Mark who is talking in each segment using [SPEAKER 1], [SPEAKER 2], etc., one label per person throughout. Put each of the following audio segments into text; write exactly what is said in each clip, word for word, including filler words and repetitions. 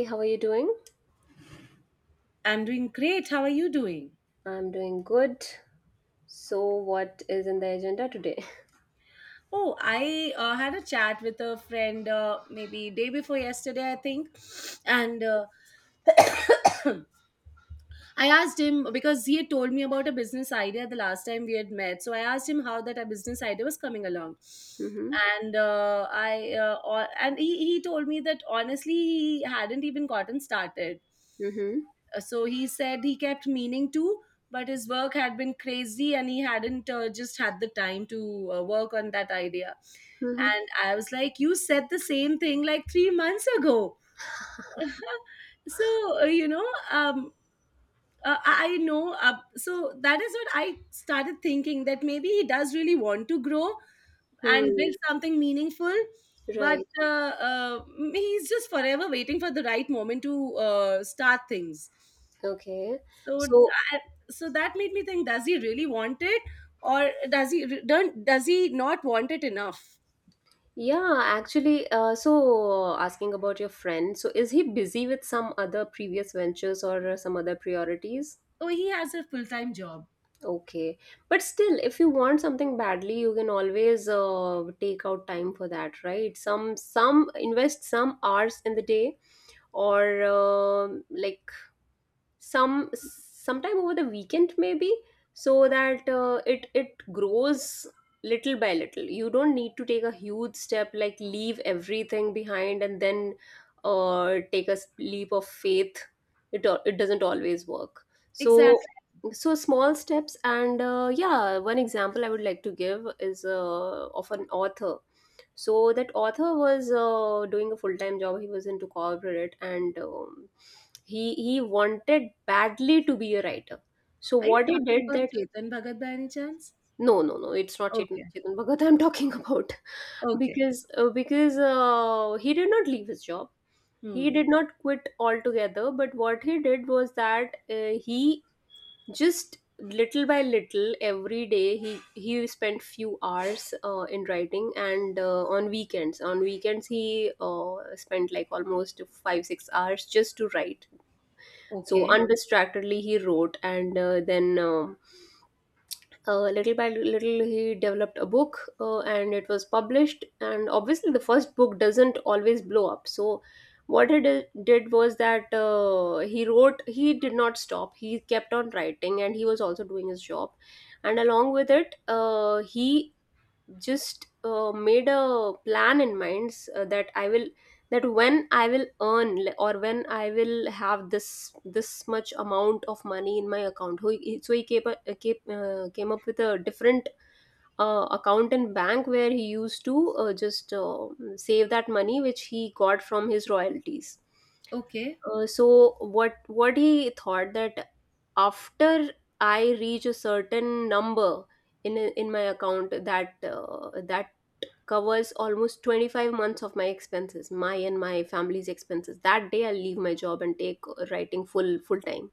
[SPEAKER 1] Hey, how are you doing?
[SPEAKER 2] I'm doing great. How are you doing?
[SPEAKER 1] I'm doing good. So, what is in the agenda today?
[SPEAKER 2] Oh, I uh, had a chat with a friend uh, maybe day before yesterday, I think, and uh, I asked him because he had told me about a business idea the last time we had met. So I asked him how that a business idea was coming along,
[SPEAKER 1] Mm-hmm.
[SPEAKER 2] and uh, I uh, or- and he, he told me that honestly he hadn't even gotten started.
[SPEAKER 1] Mm-hmm.
[SPEAKER 2] Uh, So he said he kept meaning to, but his work had been crazy and he hadn't uh, just had the time to uh, work on that idea.
[SPEAKER 1] Mm-hmm.
[SPEAKER 2] And I was like, You said the same thing like three months ago. so uh, you know um uh, I I know uh, so that is what I started thinking, that maybe he does really want to grow and build
[SPEAKER 1] Hmm.
[SPEAKER 2] something meaningful, but
[SPEAKER 1] Right.
[SPEAKER 2] uh, uh, he's just forever waiting for the right moment to uh, start things,
[SPEAKER 1] Okay.
[SPEAKER 2] so
[SPEAKER 1] So,
[SPEAKER 2] that, so that made me think: does he really want it, or does he re- don't? Does he not want it enough?
[SPEAKER 1] yeah, actually, uh, so asking about your friend. So, is he busy with some other previous ventures or uh, some other priorities?
[SPEAKER 2] Oh, he has a full time job.
[SPEAKER 1] Okay. But still, if you want something badly, you can always uh, take out time for that, right? Some some invest some hours in the day, or um like some sometime over the weekend maybe, so that uh, it it grows little by little. You don't need to take a huge step like leave everything behind and then uh, take a s- leap of faith. It al- it doesn't always work. So
[SPEAKER 2] Exactly.
[SPEAKER 1] so small steps, and uh, yeah, one example I would like to give is uh, of an author. So that author was uh, doing a full time job. He was into corporate, and um, he he wanted badly to be a writer. So
[SPEAKER 2] Are you
[SPEAKER 1] what he
[SPEAKER 2] talking
[SPEAKER 1] did
[SPEAKER 2] about
[SPEAKER 1] that...
[SPEAKER 2] Chetan Bhagat by any chance?
[SPEAKER 1] No, no, no, it's not
[SPEAKER 2] Okay.
[SPEAKER 1] chetan, chetan Bhagat I'm talking about.
[SPEAKER 2] Okay.
[SPEAKER 1] because uh, because uh, he did not leave his job.
[SPEAKER 2] Hmm.
[SPEAKER 1] He did not quit altogether, but what he did was that uh, he just little by little, every day he he spent few hours uh, in writing. And uh, on weekends on weekends he uh, spent like almost five six hours just to write. So
[SPEAKER 2] Okay.
[SPEAKER 1] undistractedly he wrote, and uh, then um uh, little by little he developed a book, uh, and it was published. And obviously, the first book doesn't always blow up. So what he did did was that uh, he wrote. He did not stop. He kept on writing, and he was also doing his job. And along with it, uh, he just uh, made a plan in mind s- uh, that I will... that when I will earn l- or when I will have this this much amount of money in my account. So he... so he came, up- uh, came, uh, came up with a different uh, account in bank, where he used to uh, just uh, save that money which he got from his royalties.
[SPEAKER 2] Okay.
[SPEAKER 1] Uh, so what what he thought, that after I reach a certain number in in my account, that uh, that covers almost twenty-five months of my expenses my and my family's expenses, that day I'll leave my job and take uh, writing full full time.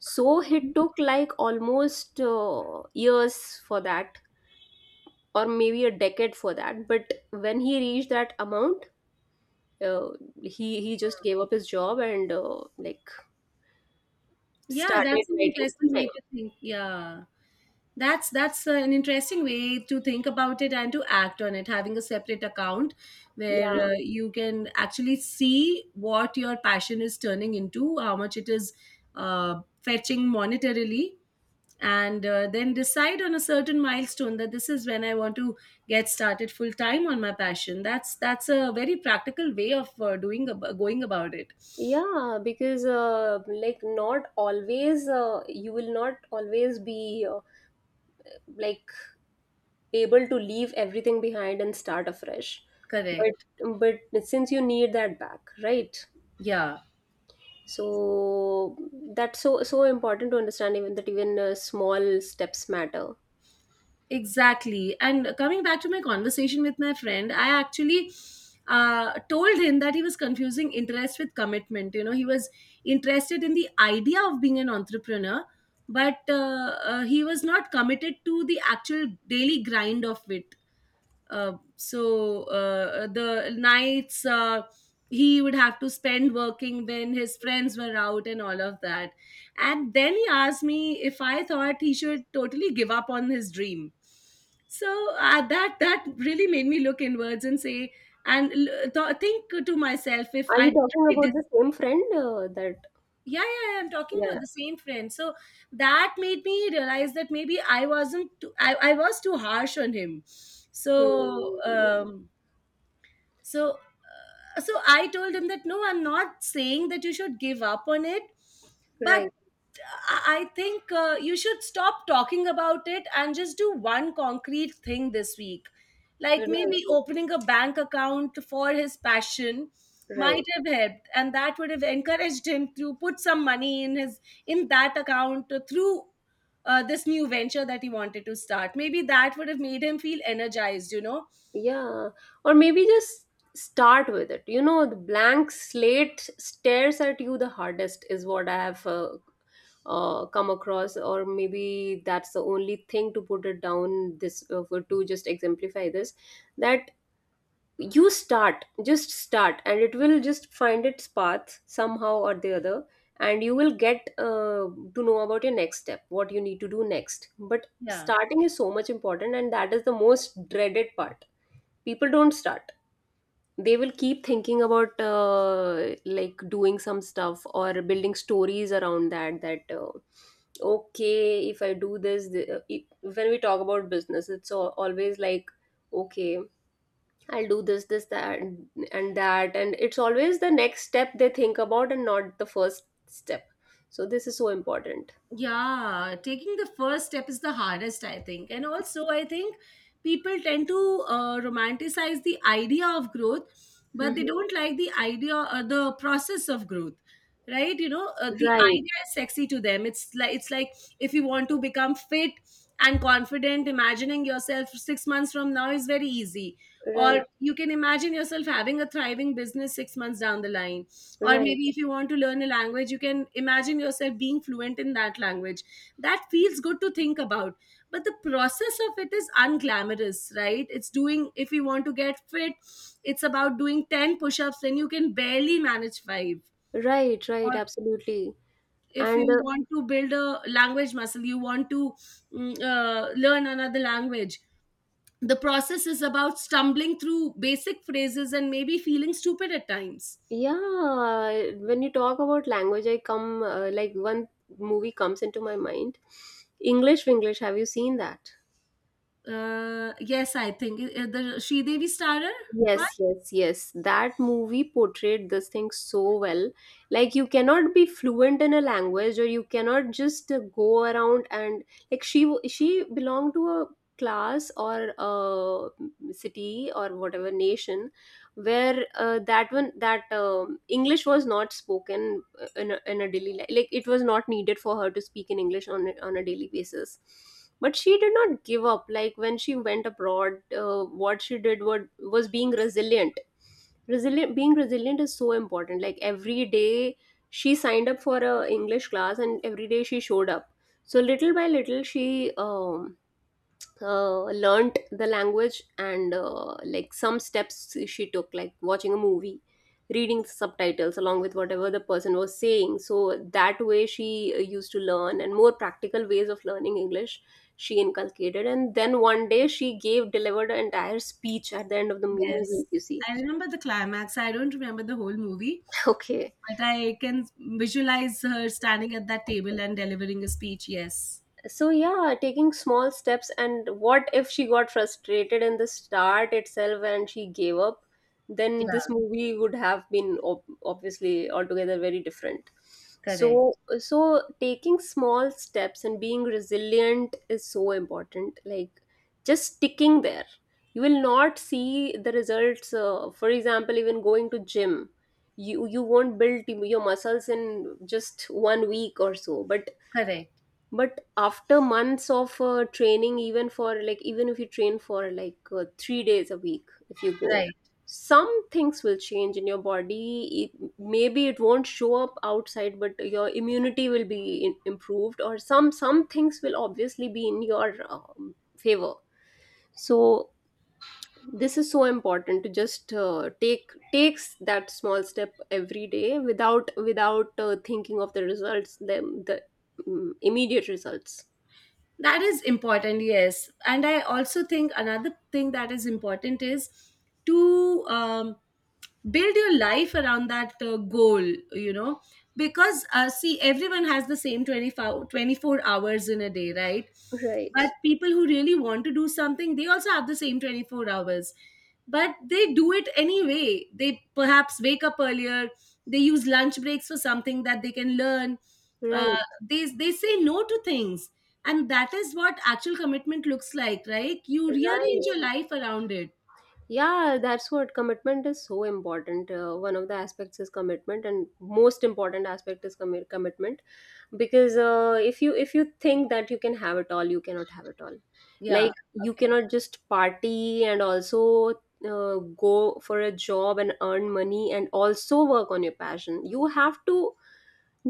[SPEAKER 1] So it took like almost uh, years for that, or maybe a decade for that. But when he reached that amount, uh, he he just gave up his job, and uh, like
[SPEAKER 2] Yeah,
[SPEAKER 1] started
[SPEAKER 2] that's an
[SPEAKER 1] writing
[SPEAKER 2] interesting
[SPEAKER 1] full time.
[SPEAKER 2] way to think. Yeah. That's that's an interesting way to think about it and to act on it. Having a separate account
[SPEAKER 1] Yeah,
[SPEAKER 2] where uh, you can actually see what your passion is turning into, how much it is uh, fetching monetarily, and uh, then decide on a certain milestone that this is when I want to get started full time on my passion. That's that's a very practical way of uh, doing ab- going about it.
[SPEAKER 1] yeah, because uh, like, not always... uh, you will not always be uh, like, able to leave everything behind and start afresh.
[SPEAKER 2] Correct.
[SPEAKER 1] But but since you need that back, right?
[SPEAKER 2] Yeah.
[SPEAKER 1] So that's so so important to understand, even that, even uh, small steps matter.
[SPEAKER 2] Exactly. And coming back to my conversation with my friend, I actually uh, told him that he was confusing interest with commitment. You know, he was interested in the idea of being an entrepreneur, but uh, uh, he was not committed to the actual daily grind of it, uh, so uh, the nights uh, he would have to spend working when his friends were out and all of that. And then he asked me if I thought he should totally give up on his dream. So uh, that that really made me look inwards and say and l- th- think to myself if
[SPEAKER 1] Are
[SPEAKER 2] i
[SPEAKER 1] you talking
[SPEAKER 2] really
[SPEAKER 1] about the
[SPEAKER 2] dis-
[SPEAKER 1] same friend uh, that...
[SPEAKER 2] yeah, yeah, yeah, I'm talking about
[SPEAKER 1] Yeah.
[SPEAKER 2] the same friend. So that made me realize that maybe I wasn't, too, I, I was too harsh on him. So,
[SPEAKER 1] Hmm.
[SPEAKER 2] um, so so I told him that no, I'm not saying that you should give up on it, but
[SPEAKER 1] Right,
[SPEAKER 2] I I think uh, you should stop talking about it and just do one concrete thing this week. Like
[SPEAKER 1] right,
[SPEAKER 2] maybe opening a bank account for his passion might
[SPEAKER 1] right.
[SPEAKER 2] have helped, and that would have encouraged him to put some money in his in that account through uh, this new venture that he wanted to start. Maybe that would have made him feel energized, you know.
[SPEAKER 1] Yeah. Or maybe just start with it you know the blank slate stares at you the hardest, is what I have uh, uh, come across. Or maybe that's the only thing to put it down, this uh, for to just exemplify this, that you start, just start, and it will just find its path somehow or the other. And you will get uh, to know about your next step, what you need to do next. But
[SPEAKER 2] Yeah.
[SPEAKER 1] starting is so much important, and that is the most dreaded part. People don't start. They will keep thinking about uh, like doing some stuff, or building stories around that that uh, okay, if I do this... the, uh, it- when we talk about business, it's al- always like, okay, I'll do this, this, that, and and that. And it's always the next step they think about, and not the first step. So this is so important.
[SPEAKER 2] Yeah, taking the first step is the hardest, I think. And also, I think people tend to uh, romanticize the idea of growth, but they don't like the idea or the process of growth. Right, you know, uh, the idea is sexy to them. It's like, it's like if you want to become fit and confident, imagining yourself six months from now is very easy. Or
[SPEAKER 1] Right,
[SPEAKER 2] you can imagine yourself having a thriving business six months down the line, or
[SPEAKER 1] right,
[SPEAKER 2] maybe if you want to learn a language, you can imagine yourself being fluent in that language. That feels good to think about, but the process of it is unglamorous, right? It's doing, if you want to get fit, it's about doing ten push-ups then you can barely manage five.
[SPEAKER 1] right,
[SPEAKER 2] Or
[SPEAKER 1] right. Absolutely.
[SPEAKER 2] if
[SPEAKER 1] And...
[SPEAKER 2] you want to build a language muscle, you want to mm, uh, learn another language. The process is about stumbling through basic phrases and maybe feeling stupid at times.
[SPEAKER 1] Yeah, when you talk about language, I come uh, like, one movie comes into my mind: English, English. Have you seen that?
[SPEAKER 2] Uh, yes, I think uh, the Sridevi starrer one.
[SPEAKER 1] Yes, yes, yes. That movie portrayed this thing so well. Like, you cannot be fluent in a language, or you cannot just uh, go around and... Like, she w- she belonged to a class or a city or whatever nation where uh, that one that um English was not spoken in a, in a daily life, like it was not needed for her to speak in English on a- on a daily basis. But she did not give up. Like, when she went abroad, uh, what she did, what, was being resilient resilient. Being resilient is so important. Like, every day she signed up for a English class, and every day she showed up. So little by little she um, uh, learnt the language, and uh, like, some steps she took, like watching a movie, reading the subtitles along with whatever the person was saying, so that way she uh, used to learn, and more practical ways of learning English she inculcated. And then one day she gave delivered an entire speech at the end of the movie,
[SPEAKER 2] Yes.
[SPEAKER 1] you see.
[SPEAKER 2] I remember the climax. I don't remember the whole movie,
[SPEAKER 1] Okay.
[SPEAKER 2] but I can visualize her standing at that table and delivering a speech. Yes.
[SPEAKER 1] So, yeah, taking small steps. And what if she got frustrated in the start itself and she gave up? Then this
[SPEAKER 2] Yeah,
[SPEAKER 1] movie would have been ob- obviously altogether very different.
[SPEAKER 2] correct.
[SPEAKER 1] So so taking small steps and being resilient is so important. Like, just sticking there, you will not see the results uh, for example. Even going to gym, you you won't build your muscles in just one week or so. But
[SPEAKER 2] Correct.
[SPEAKER 1] but after months of uh, training, even for like, even if you train for like uh, three days a week, if you go,
[SPEAKER 2] Right.
[SPEAKER 1] some things will change in your body. It, maybe it won't show up outside, but your immunity will be in, improved, or some some things will obviously be in your um, favor. So this is so important, to just uh, take takes that small step every day, without without uh, thinking of the results, them the mm, immediate results.
[SPEAKER 2] That is important, yes. And I also think another thing that is important is to um, build your life around that uh, goal, you know, because uh, see, everyone has the same twenty-five, twenty-four hours in a day, right?
[SPEAKER 1] Right.
[SPEAKER 2] But people who really want to do something, they also have the same twenty-four hours. But they do it anyway. They perhaps wake up earlier, they use lunch breaks for something that they can learn.
[SPEAKER 1] Right,
[SPEAKER 2] Uh, they, they say no to things, and that is what actual commitment looks like, right? You rearrange
[SPEAKER 1] right.
[SPEAKER 2] your life around it.
[SPEAKER 1] Yeah, that's what commitment is so important. Uh, one of the aspects is commitment, and most important aspect is commi- commitment. Because uh, if you... if you think that you can have it all, you cannot have it all.
[SPEAKER 2] Yeah.
[SPEAKER 1] Like, you
[SPEAKER 2] Okay.
[SPEAKER 1] cannot just party, and also uh, go for a job and earn money and also work on your passion. You have to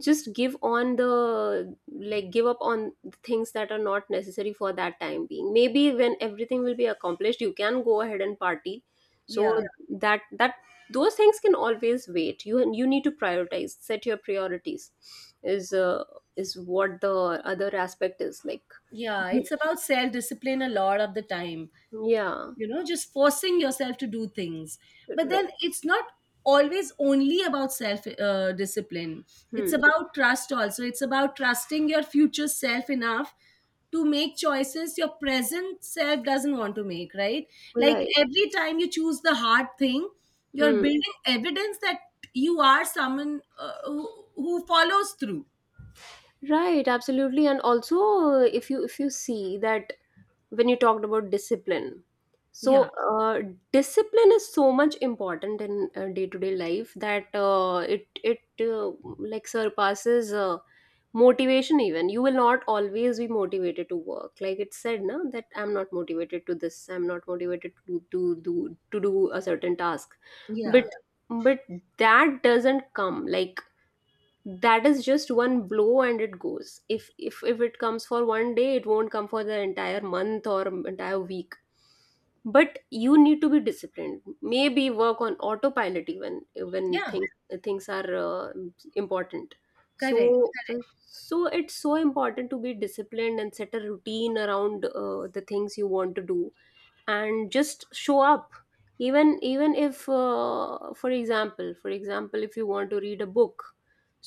[SPEAKER 1] just give on the like give up on the things that are not necessary for that time being. Maybe when everything will be accomplished, you can go ahead and party. So,
[SPEAKER 2] Yeah.
[SPEAKER 1] yeah. That... that those things can always wait. You you need to prioritize, set your priorities, is uh, is what the other aspect is, like.
[SPEAKER 2] Yeah. It's about self discipline a lot of the time.
[SPEAKER 1] Yeah.
[SPEAKER 2] You know, just forcing yourself to do things. But
[SPEAKER 1] Right.
[SPEAKER 2] then it's not always only about self uh, discipline. It's
[SPEAKER 1] Hmm.
[SPEAKER 2] about trust also. It's about trusting your future self enough to make choices your present self doesn't want to make, right? Like
[SPEAKER 1] Right.
[SPEAKER 2] every time you choose the hard thing, you're
[SPEAKER 1] Hmm.
[SPEAKER 2] building evidence that you are someone uh, who, who follows through.
[SPEAKER 1] Right, absolutely. And also uh, if you if you see that, when you talked about discipline,
[SPEAKER 2] Yeah.
[SPEAKER 1] so uh, discipline is so much important in uh, day-to-day life. That uh, it it uh, like surpasses uh, motivation, even. You will not always be motivated to work, like it said no, that I'm not motivated to this, I'm not motivated to to do to do a certain task. But
[SPEAKER 2] Yeah.
[SPEAKER 1] but that doesn't come. Like, that is just one blow and it goes. If if if it comes for one day, it won't come for the entire month or entire week. But you need to be disciplined, maybe work on autopilot even when
[SPEAKER 2] Yeah,
[SPEAKER 1] things things are uh, important.
[SPEAKER 2] correct,
[SPEAKER 1] So uh,
[SPEAKER 2] correct.
[SPEAKER 1] so it's so important to be disciplined and set a routine around uh, the things you want to do, and just show up. Even even if uh, for example, for example if you want to read a book,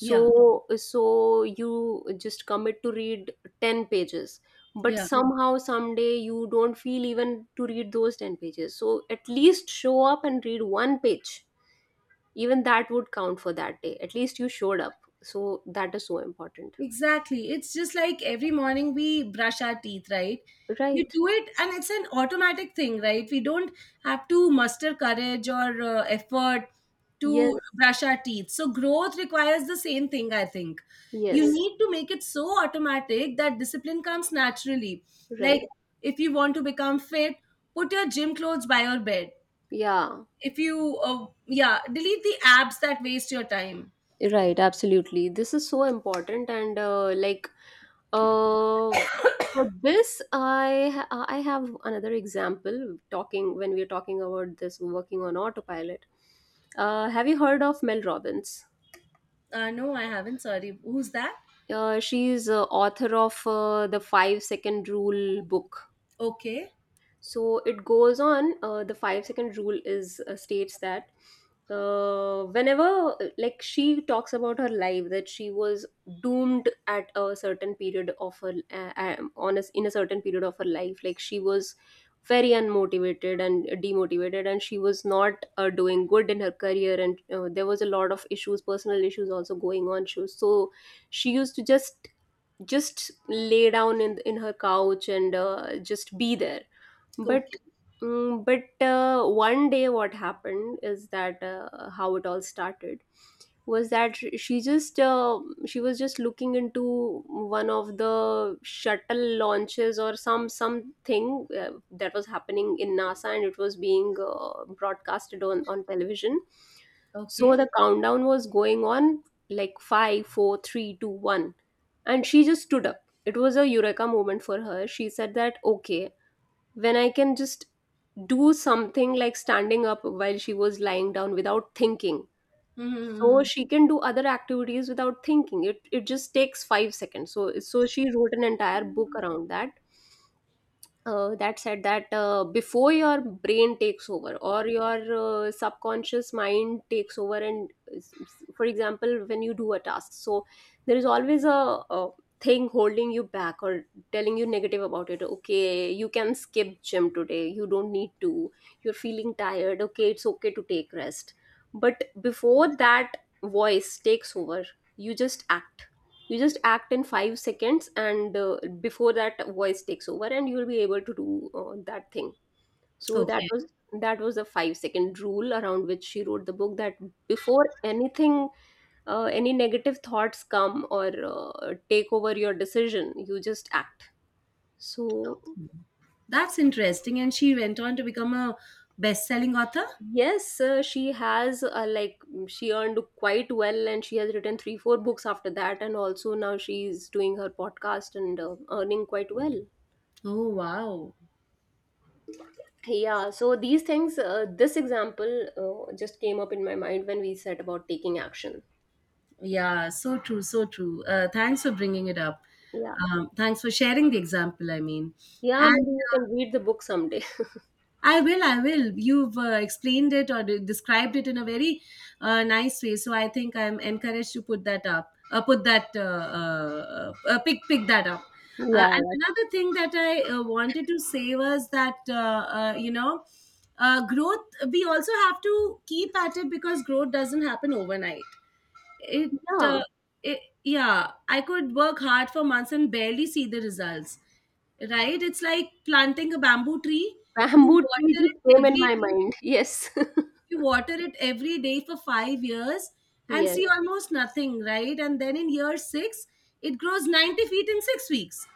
[SPEAKER 2] Yeah.
[SPEAKER 1] so you just commit to read ten pages, but
[SPEAKER 2] Yeah.
[SPEAKER 1] somehow, someday you don't feel even to read those ten pages, so at least show up and read one page. Even that would count for that day, at least you showed up, so that is so important.
[SPEAKER 2] Exactly. It's just like every morning we brush our teeth, right? You
[SPEAKER 1] Right.
[SPEAKER 2] do it, and it's an automatic thing, right? We don't have to muster courage or uh, effort
[SPEAKER 1] Yes,
[SPEAKER 2] to brush our teeth. So, growth requires the same thing, I think. You
[SPEAKER 1] yes.
[SPEAKER 2] need to make it so automatic that discipline comes naturally. Like,
[SPEAKER 1] Right.
[SPEAKER 2] if you want to become fit, put your gym clothes by your bed.
[SPEAKER 1] Yeah.
[SPEAKER 2] If you, uh, yeah, delete the apps that waste your time.
[SPEAKER 1] Right, absolutely. This is so important, and uh, like uh, for this, I ha- I have another example. Talking When we are talking about this, working on autopilot. Uh, have you heard of Mel Robbins?
[SPEAKER 2] Uh, no, I haven't. Sorry. Who's that?
[SPEAKER 1] Uh, she is uh, author of uh, the Five Second Rule book.
[SPEAKER 2] Okay.
[SPEAKER 1] So it goes on, uh, the five second rule is uh, states that, uh, whenever, uh, like, she talks about her life that she was doomed at a certain period of her, uh, uh, on a, in a certain period of her life. Like, she was very unmotivated and demotivated, and she was not uh, doing good in her career. And uh, there was a lot of issues, personal issues also going on. She was, so she used to just just lay down in in her couch and uh, just be there. But,
[SPEAKER 2] Okay.
[SPEAKER 1] mm, but uh, one day, what happened is that, uh, how it all started was that sh- she just, uh, she was just looking into one of the shuttle launches or some something uh, that was happening in NASA, and it was being uh, broadcasted on on television. So
[SPEAKER 2] Okay.
[SPEAKER 1] the countdown was going on, like, five, four, three, two, one, and she just stood up. It was a eureka moment for her. She said that, okay, when I can just do something like standing up while she was lying down without thinking, so
[SPEAKER 2] Mm-hmm.
[SPEAKER 1] she can do other activities without thinking. It it just takes five seconds. So so she wrote an entire book around that, uh, that said that, uh, before your brain takes over or your uh, subconscious mind takes over and s- s- for example, when you do a task, so there is always a, a thing holding you back or telling you negative about it. Okay, you can skip gym today, you don't need to. You're feeling tired, okay, it's okay to take rest. But before that voice takes over, you just act. You just act in five seconds, and uh, before that voice takes over, and you'll be able to do uh, that thing. So that
[SPEAKER 2] Okay.
[SPEAKER 1] was that was the five second rule around which she wrote the book, that before anything, uh, any negative thoughts come or uh, take over your decision, you just act. So
[SPEAKER 2] That's interesting. And she went on to become a best-selling author.
[SPEAKER 1] yes, uh, she has, uh, like, she earned quite well, and she has written three four books after that, and also now she's doing her podcast and uh, earning quite well.
[SPEAKER 2] Oh, wow.
[SPEAKER 1] Yeah, so these things, uh, this example uh, just came up in my mind when we said about taking action.
[SPEAKER 2] Yeah, so true, so true. Uh, thanks for bringing it up.
[SPEAKER 1] Yeah.
[SPEAKER 2] Um, thanks for sharing the example, I mean.
[SPEAKER 1] Yeah,
[SPEAKER 2] And
[SPEAKER 1] maybe you can
[SPEAKER 2] uh,
[SPEAKER 1] read the book someday.
[SPEAKER 2] I will, I will. You've uh, explained it or de- described it in a very uh, nice way, so I think I'm encouraged to put that up, uh, put that, uh, uh, uh, pick, pick that up. Uh,
[SPEAKER 1] Yeah,
[SPEAKER 2] and
[SPEAKER 1] yeah,
[SPEAKER 2] another thing that I uh, wanted to say was that uh, uh, you know, uh, growth. We also have to keep at it because growth doesn't happen overnight. It, uh,
[SPEAKER 1] yeah,
[SPEAKER 2] it Yeah, I could work hard for months and barely see the results, right? It's like planting a bamboo tree. You
[SPEAKER 1] bamboo tree
[SPEAKER 2] water
[SPEAKER 1] just
[SPEAKER 2] it
[SPEAKER 1] came in
[SPEAKER 2] every
[SPEAKER 1] my
[SPEAKER 2] day,
[SPEAKER 1] mind, yes.
[SPEAKER 2] you water it every day for five years, and
[SPEAKER 1] Yes,
[SPEAKER 2] see almost nothing, right? And then in year six, it grows ninety feet in six weeks.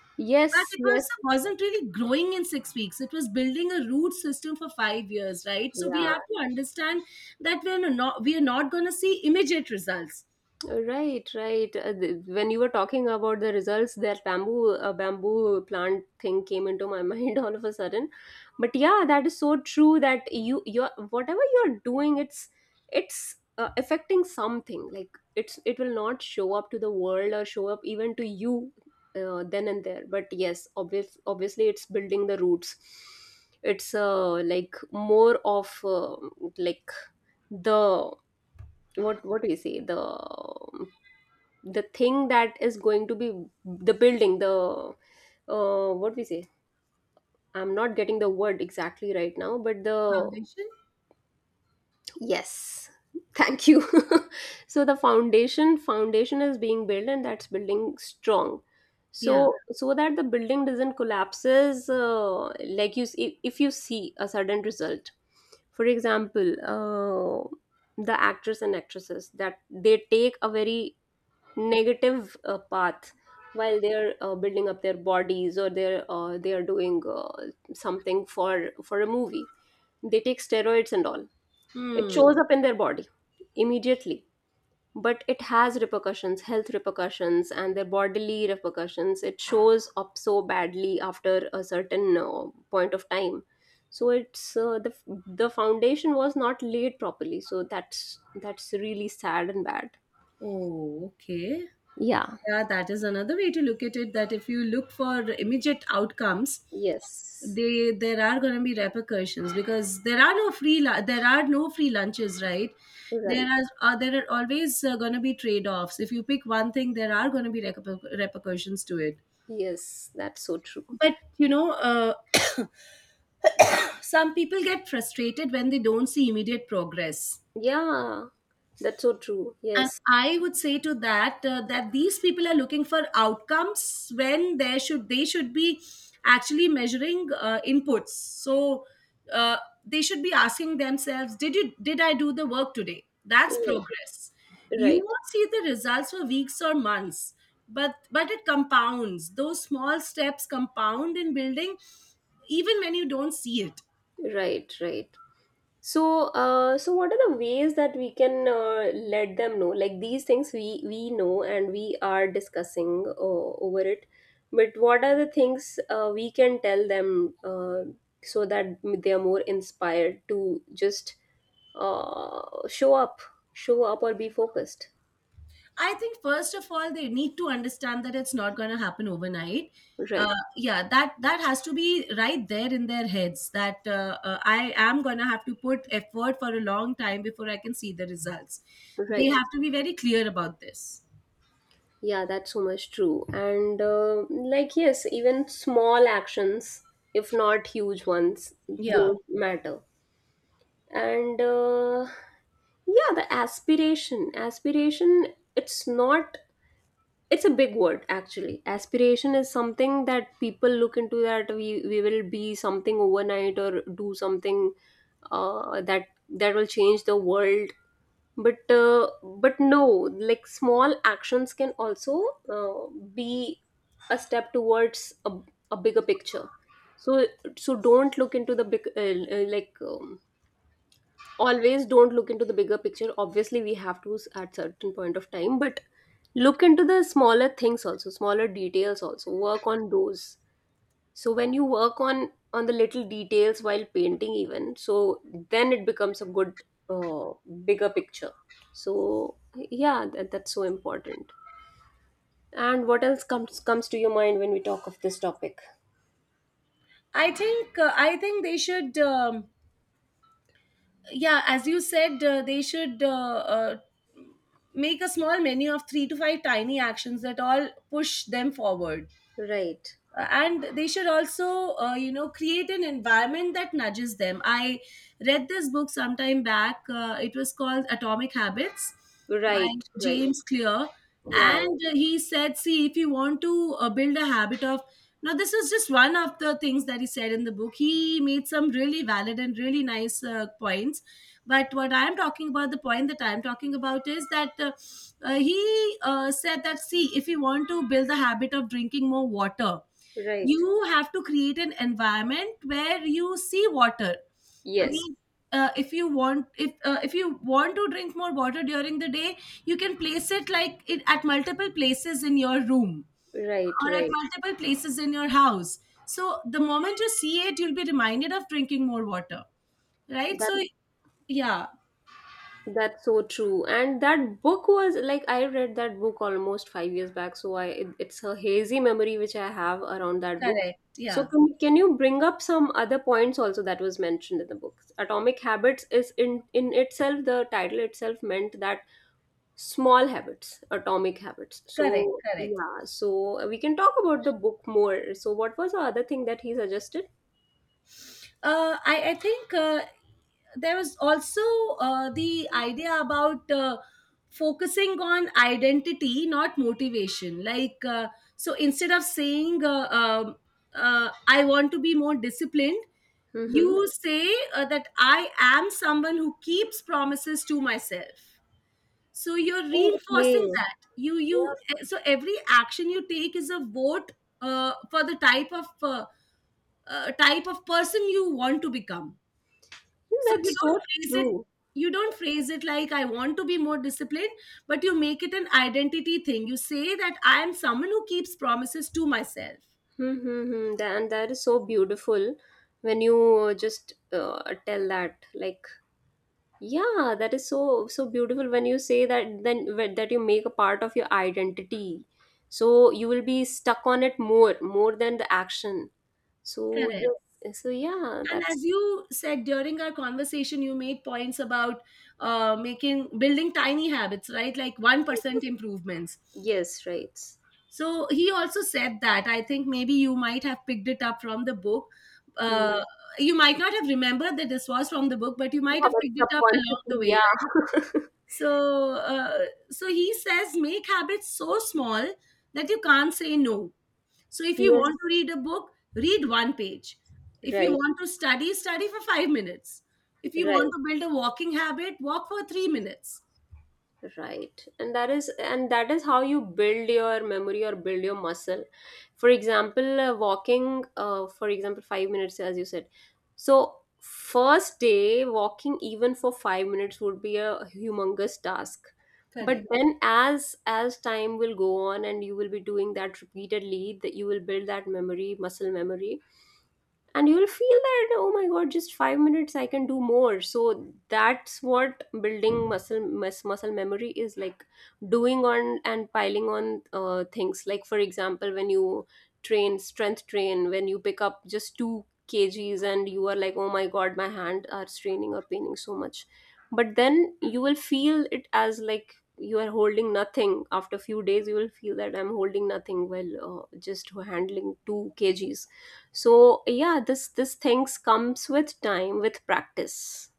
[SPEAKER 2] But
[SPEAKER 1] yes,
[SPEAKER 2] it
[SPEAKER 1] yes.
[SPEAKER 2] was wasn't really growing in six weeks, it was building a root system for five years, right? So we
[SPEAKER 1] Yeah.
[SPEAKER 2] have to understand that we're no, not we are not going to see immediate results.
[SPEAKER 1] Right, right. Uh, th- When you were talking about the results, that bamboo uh, bamboo plant thing came into my mind all of a sudden. But yeah, that is so true that you you're whatever you're doing, it's it's uh, affecting something. Like, it's it will not show up to the world or show up even to you uh, then and there. But yes, obvious obviously it's building the roots. It's uh like more of, uh, like, the, what what do you say, the, the thing that is going to be the, building the, uh, what we say, I'm not getting the word exactly right now, but the...
[SPEAKER 2] Foundation.
[SPEAKER 1] Yes. Thank you. So the foundation foundation is being built, and that's building strong.
[SPEAKER 2] Yeah.
[SPEAKER 1] So so that the building doesn't collapses, uh, like, you see, if you see a sudden result. For example, uh, the actors and actresses, that they take a very negative uh, path while they're uh, building up their bodies, or they're, uh, they are doing uh, something for for a movie. They take steroids and all. It
[SPEAKER 2] Hmm.
[SPEAKER 1] shows up in their body immediately, but it has repercussions, health repercussions, and their bodily repercussions. It shows up so badly after a certain uh, point of time. So it's, uh, the, the foundation was not laid properly, so that's that's really sad and bad.
[SPEAKER 2] Oh, okay.
[SPEAKER 1] Yeah.
[SPEAKER 2] Yeah, that is another way to look at it. That if you look for immediate outcomes,
[SPEAKER 1] Yes,
[SPEAKER 2] they there are going to be repercussions, because there are no free lu- there are no free lunches, right? There
[SPEAKER 1] right.
[SPEAKER 2] are uh, there are always uh, going to be trade offs. If you pick one thing, there are going to be reper- repercussions to it.
[SPEAKER 1] Yes, that's so true.
[SPEAKER 2] But you know, uh, some people get frustrated when they don't see immediate progress.
[SPEAKER 1] Yeah, that's so true.
[SPEAKER 2] And
[SPEAKER 1] Yes.
[SPEAKER 2] I would say to that uh, that these people are looking for outcomes when there should they should be actually measuring uh, inputs. So uh, they should be asking themselves, did you did I do the work today? That's
[SPEAKER 1] Right,
[SPEAKER 2] progress. You won't see the results for weeks or months, but but it compounds. Those small steps compound in building, even when you don't see it.
[SPEAKER 1] right, right. So, uh, so what are the ways that we can uh, let them know? Like, these things we we know and we are discussing uh, over it, but what are the things uh, we can tell them, uh, so that they are more inspired to just uh, show up, show up or be focused?
[SPEAKER 2] I think first of all, they need to understand that it's not going to happen overnight. Uh,
[SPEAKER 1] Right,
[SPEAKER 2] yeah, that that has to be right there in their heads, that uh, uh, I am going to have to put effort for a long time before I can see the results. They
[SPEAKER 1] right.
[SPEAKER 2] have to be very clear about this.
[SPEAKER 1] Yeah, that's so much true. And uh, like, yes, even small actions, if not huge ones,
[SPEAKER 2] Yeah,
[SPEAKER 1] don't matter. And uh, yeah, the aspiration, aspiration, it's not, it's a big word actually. Aspiration is something that people look into, that we, we will be something overnight or do something uh, that that will change the world. But, uh, but no, like, small actions can also uh, be a step towards a, a bigger picture. So so don't look into the big, uh, uh, like, um, always don't look into the bigger picture. Obviously we have to s- at certain point of time, but look into the smaller things also, smaller details also, work on those. So when you work on on the little details while painting even, so then it becomes a good, uh, bigger picture. So yeah, that, that's so important. And what else comes comes to your mind when we talk of this topic?
[SPEAKER 2] I think uh, I think they should. Um, yeah, as you said, uh, they should uh, uh, make a small menu of three to five tiny actions that all push them forward.
[SPEAKER 1] Right,
[SPEAKER 2] Uh, and they should also, uh, you know create an environment that nudges them. I read this book sometime back, uh, it was called Atomic Habits by
[SPEAKER 1] right, right.
[SPEAKER 2] James Clear.
[SPEAKER 1] Yeah, yeah.
[SPEAKER 2] And uh, he said, see, if you want to uh, build a habit of, now this is just one of the things that he said in the book. He made some really valid and really nice uh, points. But what I'm talking about, the point that I'm talking about, is that uh, uh, he uh, said that, see, if you want to build the habit of drinking more water,
[SPEAKER 1] Right.
[SPEAKER 2] you have to create an environment where you see water. I
[SPEAKER 1] Yes.
[SPEAKER 2] mean, uh, if you want, if uh, if you want to drink more water during the day, you can place it like it at multiple places in your room
[SPEAKER 1] Right,
[SPEAKER 2] or at
[SPEAKER 1] right.
[SPEAKER 2] multiple places in your house, so the moment you see it, you'll be reminded of drinking more water, right?
[SPEAKER 1] That.
[SPEAKER 2] So yeah.
[SPEAKER 1] That's so true. And that book was, like, I read that book almost five years back, so I it, it's a hazy memory which I have around that book.
[SPEAKER 2] Correct.
[SPEAKER 1] So,
[SPEAKER 2] Yeah.
[SPEAKER 1] can, can you bring up some other points also that was mentioned in the book? Atomic Habits is, in in itself, the title itself meant that small habits, atomic habits.
[SPEAKER 2] Correct.
[SPEAKER 1] So
[SPEAKER 2] Correct.
[SPEAKER 1] yeah, so we can talk about the book more. So what was the other thing that he suggested?
[SPEAKER 2] uh, I, I think uh, there was also uh, the idea about uh, focusing on identity, not motivation. Like, uh, so instead of saying, uh, um uh, I want to be more disciplined,
[SPEAKER 1] Mm-hmm.
[SPEAKER 2] you say uh, that I am someone who keeps promises to myself. So you're
[SPEAKER 1] Okay.
[SPEAKER 2] reinforcing that you you
[SPEAKER 1] Yeah,
[SPEAKER 2] eh, so every action you take is a vote uh, for the type of, uh, uh, type of person you want to become. So
[SPEAKER 1] that's
[SPEAKER 2] you
[SPEAKER 1] so
[SPEAKER 2] don't phrase it
[SPEAKER 1] true.
[SPEAKER 2] you don't phrase it like, I want to be more disciplined, but you make it an identity thing. You say that I am someone who keeps promises to myself.
[SPEAKER 1] Mm-hmm. And that is so beautiful when you uh, just uh, tell that. Like, yeah, that is so so beautiful when you say that. Then wh- that you make a part of your identity, so you will be stuck on it more more than the action. So
[SPEAKER 2] Correct.
[SPEAKER 1] yes, so yeah,
[SPEAKER 2] And
[SPEAKER 1] that's...
[SPEAKER 2] as you said during our conversation, you made points about uh, making building tiny habits, right, like one percent improvements.
[SPEAKER 1] Yes, right.
[SPEAKER 2] So he also said that. I think maybe you might have picked it up from the book.
[SPEAKER 1] Hmm.
[SPEAKER 2] Uh, you might not have remembered that this was from the book, but you might
[SPEAKER 1] Yeah,
[SPEAKER 2] have
[SPEAKER 1] but
[SPEAKER 2] picked it up along the
[SPEAKER 1] subconsciously,
[SPEAKER 2] way,
[SPEAKER 1] yeah.
[SPEAKER 2] right? So, uh, so he says, make habits so small that you can't say no. So if you
[SPEAKER 1] Yes,
[SPEAKER 2] want to read a book, read one page. If you
[SPEAKER 1] right,
[SPEAKER 2] want to study, study for five minutes. If you want
[SPEAKER 1] right.
[SPEAKER 2] to build a walking habit, walk for three minutes.
[SPEAKER 1] Right, and that is and that is how you build your memory or build your muscle. For example, uh, walking, uh, for example, five minutes as you said. So first day, walking even for five minutes would be a humongous task. But
[SPEAKER 2] Correct.
[SPEAKER 1] then, as as time will go on, and you will be doing that repeatedly, that you will build that, memory muscle memory. And you'll feel that, oh my god, just five minutes, I can do more. So that's what building muscle mus- muscle memory is like. Doing on and piling on uh, things, like for example when you, train strength train, when you pick up just two kgs and you are like, oh my god, my hand are straining or paining so much. But then you will feel it as, like, you are holding nothing. After few days you will feel that I'm holding nothing, well, uh, just handling two kgs. So yeah, this this things comes with time, with practice.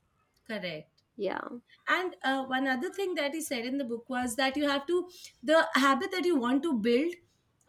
[SPEAKER 2] Correct.
[SPEAKER 1] Yeah.
[SPEAKER 2] and uh, one other thing that he said in the book was that you have to, the habit that you want to build,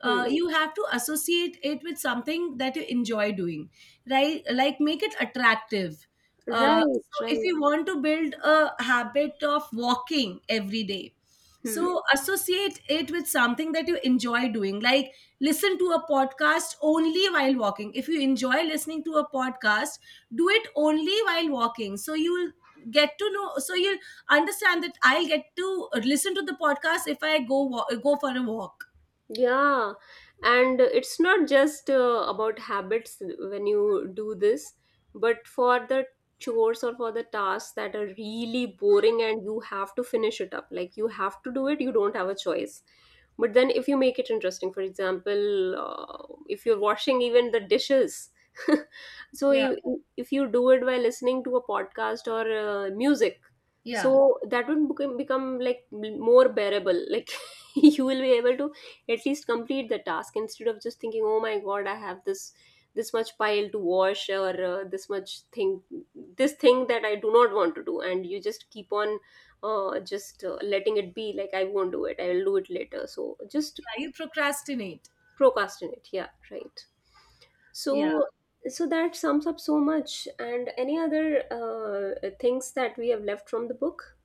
[SPEAKER 1] Hmm.
[SPEAKER 2] uh, you have to associate it with something that you enjoy doing, right, like make it attractive. Uh,
[SPEAKER 1] Right,
[SPEAKER 2] so if
[SPEAKER 1] right.
[SPEAKER 2] you want to build a habit of walking every day,
[SPEAKER 1] Hmm.
[SPEAKER 2] so associate it with something that you enjoy doing. Like, listen to a podcast only while walking. If you enjoy listening to a podcast, do it only while walking, so you'll get to know so you'll understand that I'll get to listen to the podcast if I go wa- go for a walk.
[SPEAKER 1] Yeah, and it's not just uh, about habits when you do this, but for the chores or for the tasks that are really boring and you have to finish it up, like, you have to do it, you don't have a choice. But then if you make it interesting, for example, uh, if you're washing even the dishes, so
[SPEAKER 2] Yeah.
[SPEAKER 1] if, if you do it by listening to a podcast or uh, music,
[SPEAKER 2] Yeah.
[SPEAKER 1] so that would become, become, like, more bearable. Like, you will be able to at least complete the task, instead of just thinking, oh my god, I have this this much pile to wash, or uh, this much thing, this thing that I do not want to do, and you just keep on uh, just uh, letting it be, like, I won't do it, I will do it later. So just...
[SPEAKER 2] Yeah, you procrastinate.
[SPEAKER 1] Procrastinate, yeah, right.
[SPEAKER 2] Yeah.
[SPEAKER 1] So so that sums up so much. And any other uh, things that we have left from the book?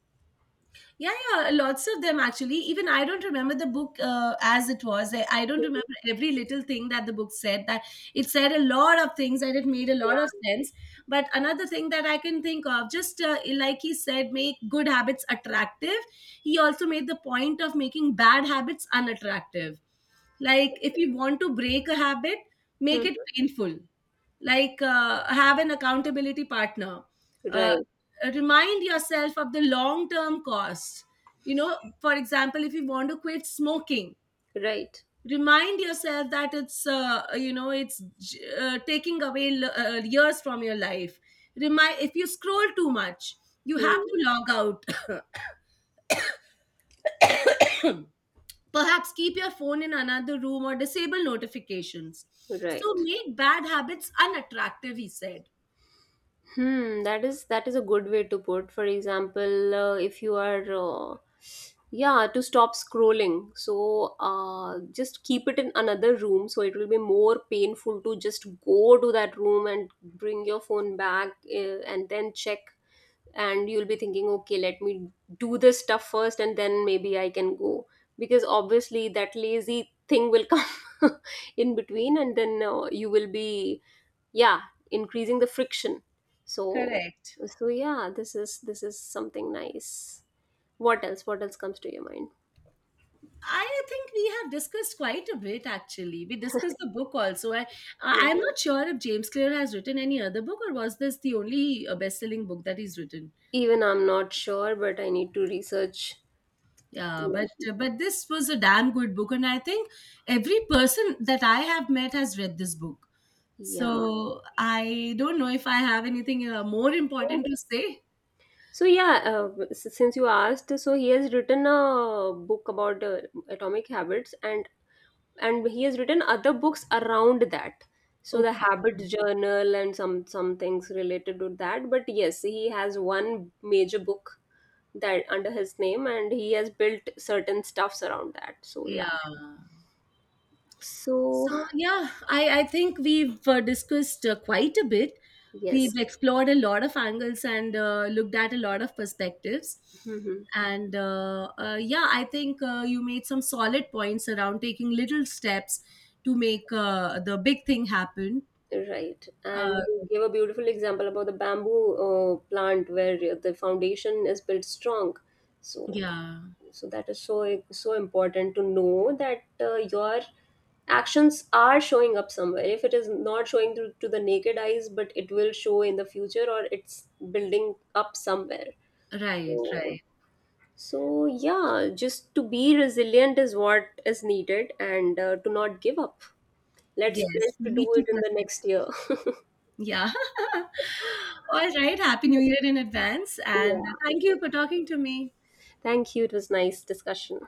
[SPEAKER 2] Yeah, yeah, lots of them actually. Even I don't remember the book uh, as it was. I, I don't
[SPEAKER 1] Mhm.
[SPEAKER 2] remember every little thing that the book said. That it said a lot of things, and it made a lot of
[SPEAKER 1] Yeah.
[SPEAKER 2] sense. But another thing that I can think of, just, uh, like he said, make good habits attractive. He also made the point of making bad habits unattractive. Like, if you want to break a habit, make
[SPEAKER 1] Hmm.
[SPEAKER 2] it painful. Like, uh, have an accountability partner, uh,
[SPEAKER 1] Right,
[SPEAKER 2] remind yourself of the long term cost. You know, for example, if you want to quit smoking,
[SPEAKER 1] right.
[SPEAKER 2] remind yourself that it's uh, you know it's uh, taking away l- uh, years from your life. Remind, if you scroll too much, you have
[SPEAKER 1] Hmm.
[SPEAKER 2] to log out. Perhaps keep your phone in another room or disable notifications. So
[SPEAKER 1] Right.
[SPEAKER 2] make bad habits unattractive, he said.
[SPEAKER 1] Hmm, that is that is a good way to put. For example, uh, if you are, uh, yeah, to stop scrolling. So, uh, just keep it in another room. So it will be more painful to just go to that room and bring your phone back, uh, and then check. And you'll be thinking, okay, let me do this stuff first, and then maybe I can go. Because obviously that lazy thing will come in between, and then uh, you will be... Yeah, increasing the friction. so
[SPEAKER 2] Correct.
[SPEAKER 1] so yeah, this is this is something nice. What else, what else comes to your mind?
[SPEAKER 2] I think we have discussed quite a bit actually. We discussed the book also. I,
[SPEAKER 1] Yeah,
[SPEAKER 2] I'm not sure if James Clear has written any other book, or was this the only uh, best-selling book that he's written.
[SPEAKER 1] even I'm not sure, but I need to research.
[SPEAKER 2] Yeah, but uh, but this was a damn good book, and I think every person that I have met has read this book.
[SPEAKER 1] Yeah,
[SPEAKER 2] So I don't know if I have anything uh, more important to say.
[SPEAKER 1] so yeah, uh, s- since you asked, so he has written a book about uh, atomic habits. And and he has written other books around that, so the
[SPEAKER 2] Okay.
[SPEAKER 1] habits journal and some some things related to that. But yes, he has one major book that under his name, and he has built certain stuffs around that, so
[SPEAKER 2] Yeah.
[SPEAKER 1] yeah. So
[SPEAKER 2] So yeah, I I think we've uh, discussed uh, quite a bit.
[SPEAKER 1] yes.
[SPEAKER 2] We've explored a lot of angles and uh, looked at a lot of perspectives,
[SPEAKER 1] Mhm.
[SPEAKER 2] and uh, uh, yeah, I think uh, you made some solid points around taking little steps to make uh, the big thing happen.
[SPEAKER 1] Right, and
[SPEAKER 2] uh,
[SPEAKER 1] you gave a beautiful example about the bamboo uh, plant where the foundation is built strong. so
[SPEAKER 2] yeah.
[SPEAKER 1] so that is so so important to know that uh, your actions are showing up somewhere, if it is not showing to, to the naked eyes, but it will show in the future, or it's building up somewhere.
[SPEAKER 2] Right,
[SPEAKER 1] So
[SPEAKER 2] right.
[SPEAKER 1] So, yeah, just to be resilient is what is needed, and uh, to not give up. Let's pledge
[SPEAKER 2] Yes, you
[SPEAKER 1] to
[SPEAKER 2] need
[SPEAKER 1] do
[SPEAKER 2] to
[SPEAKER 1] it in the next
[SPEAKER 2] persist.
[SPEAKER 1] year.
[SPEAKER 2] Yeah. All right, happy new year in advance, and
[SPEAKER 1] Yeah.
[SPEAKER 2] thank you for talking to me.
[SPEAKER 1] Thank you. It was nice discussion.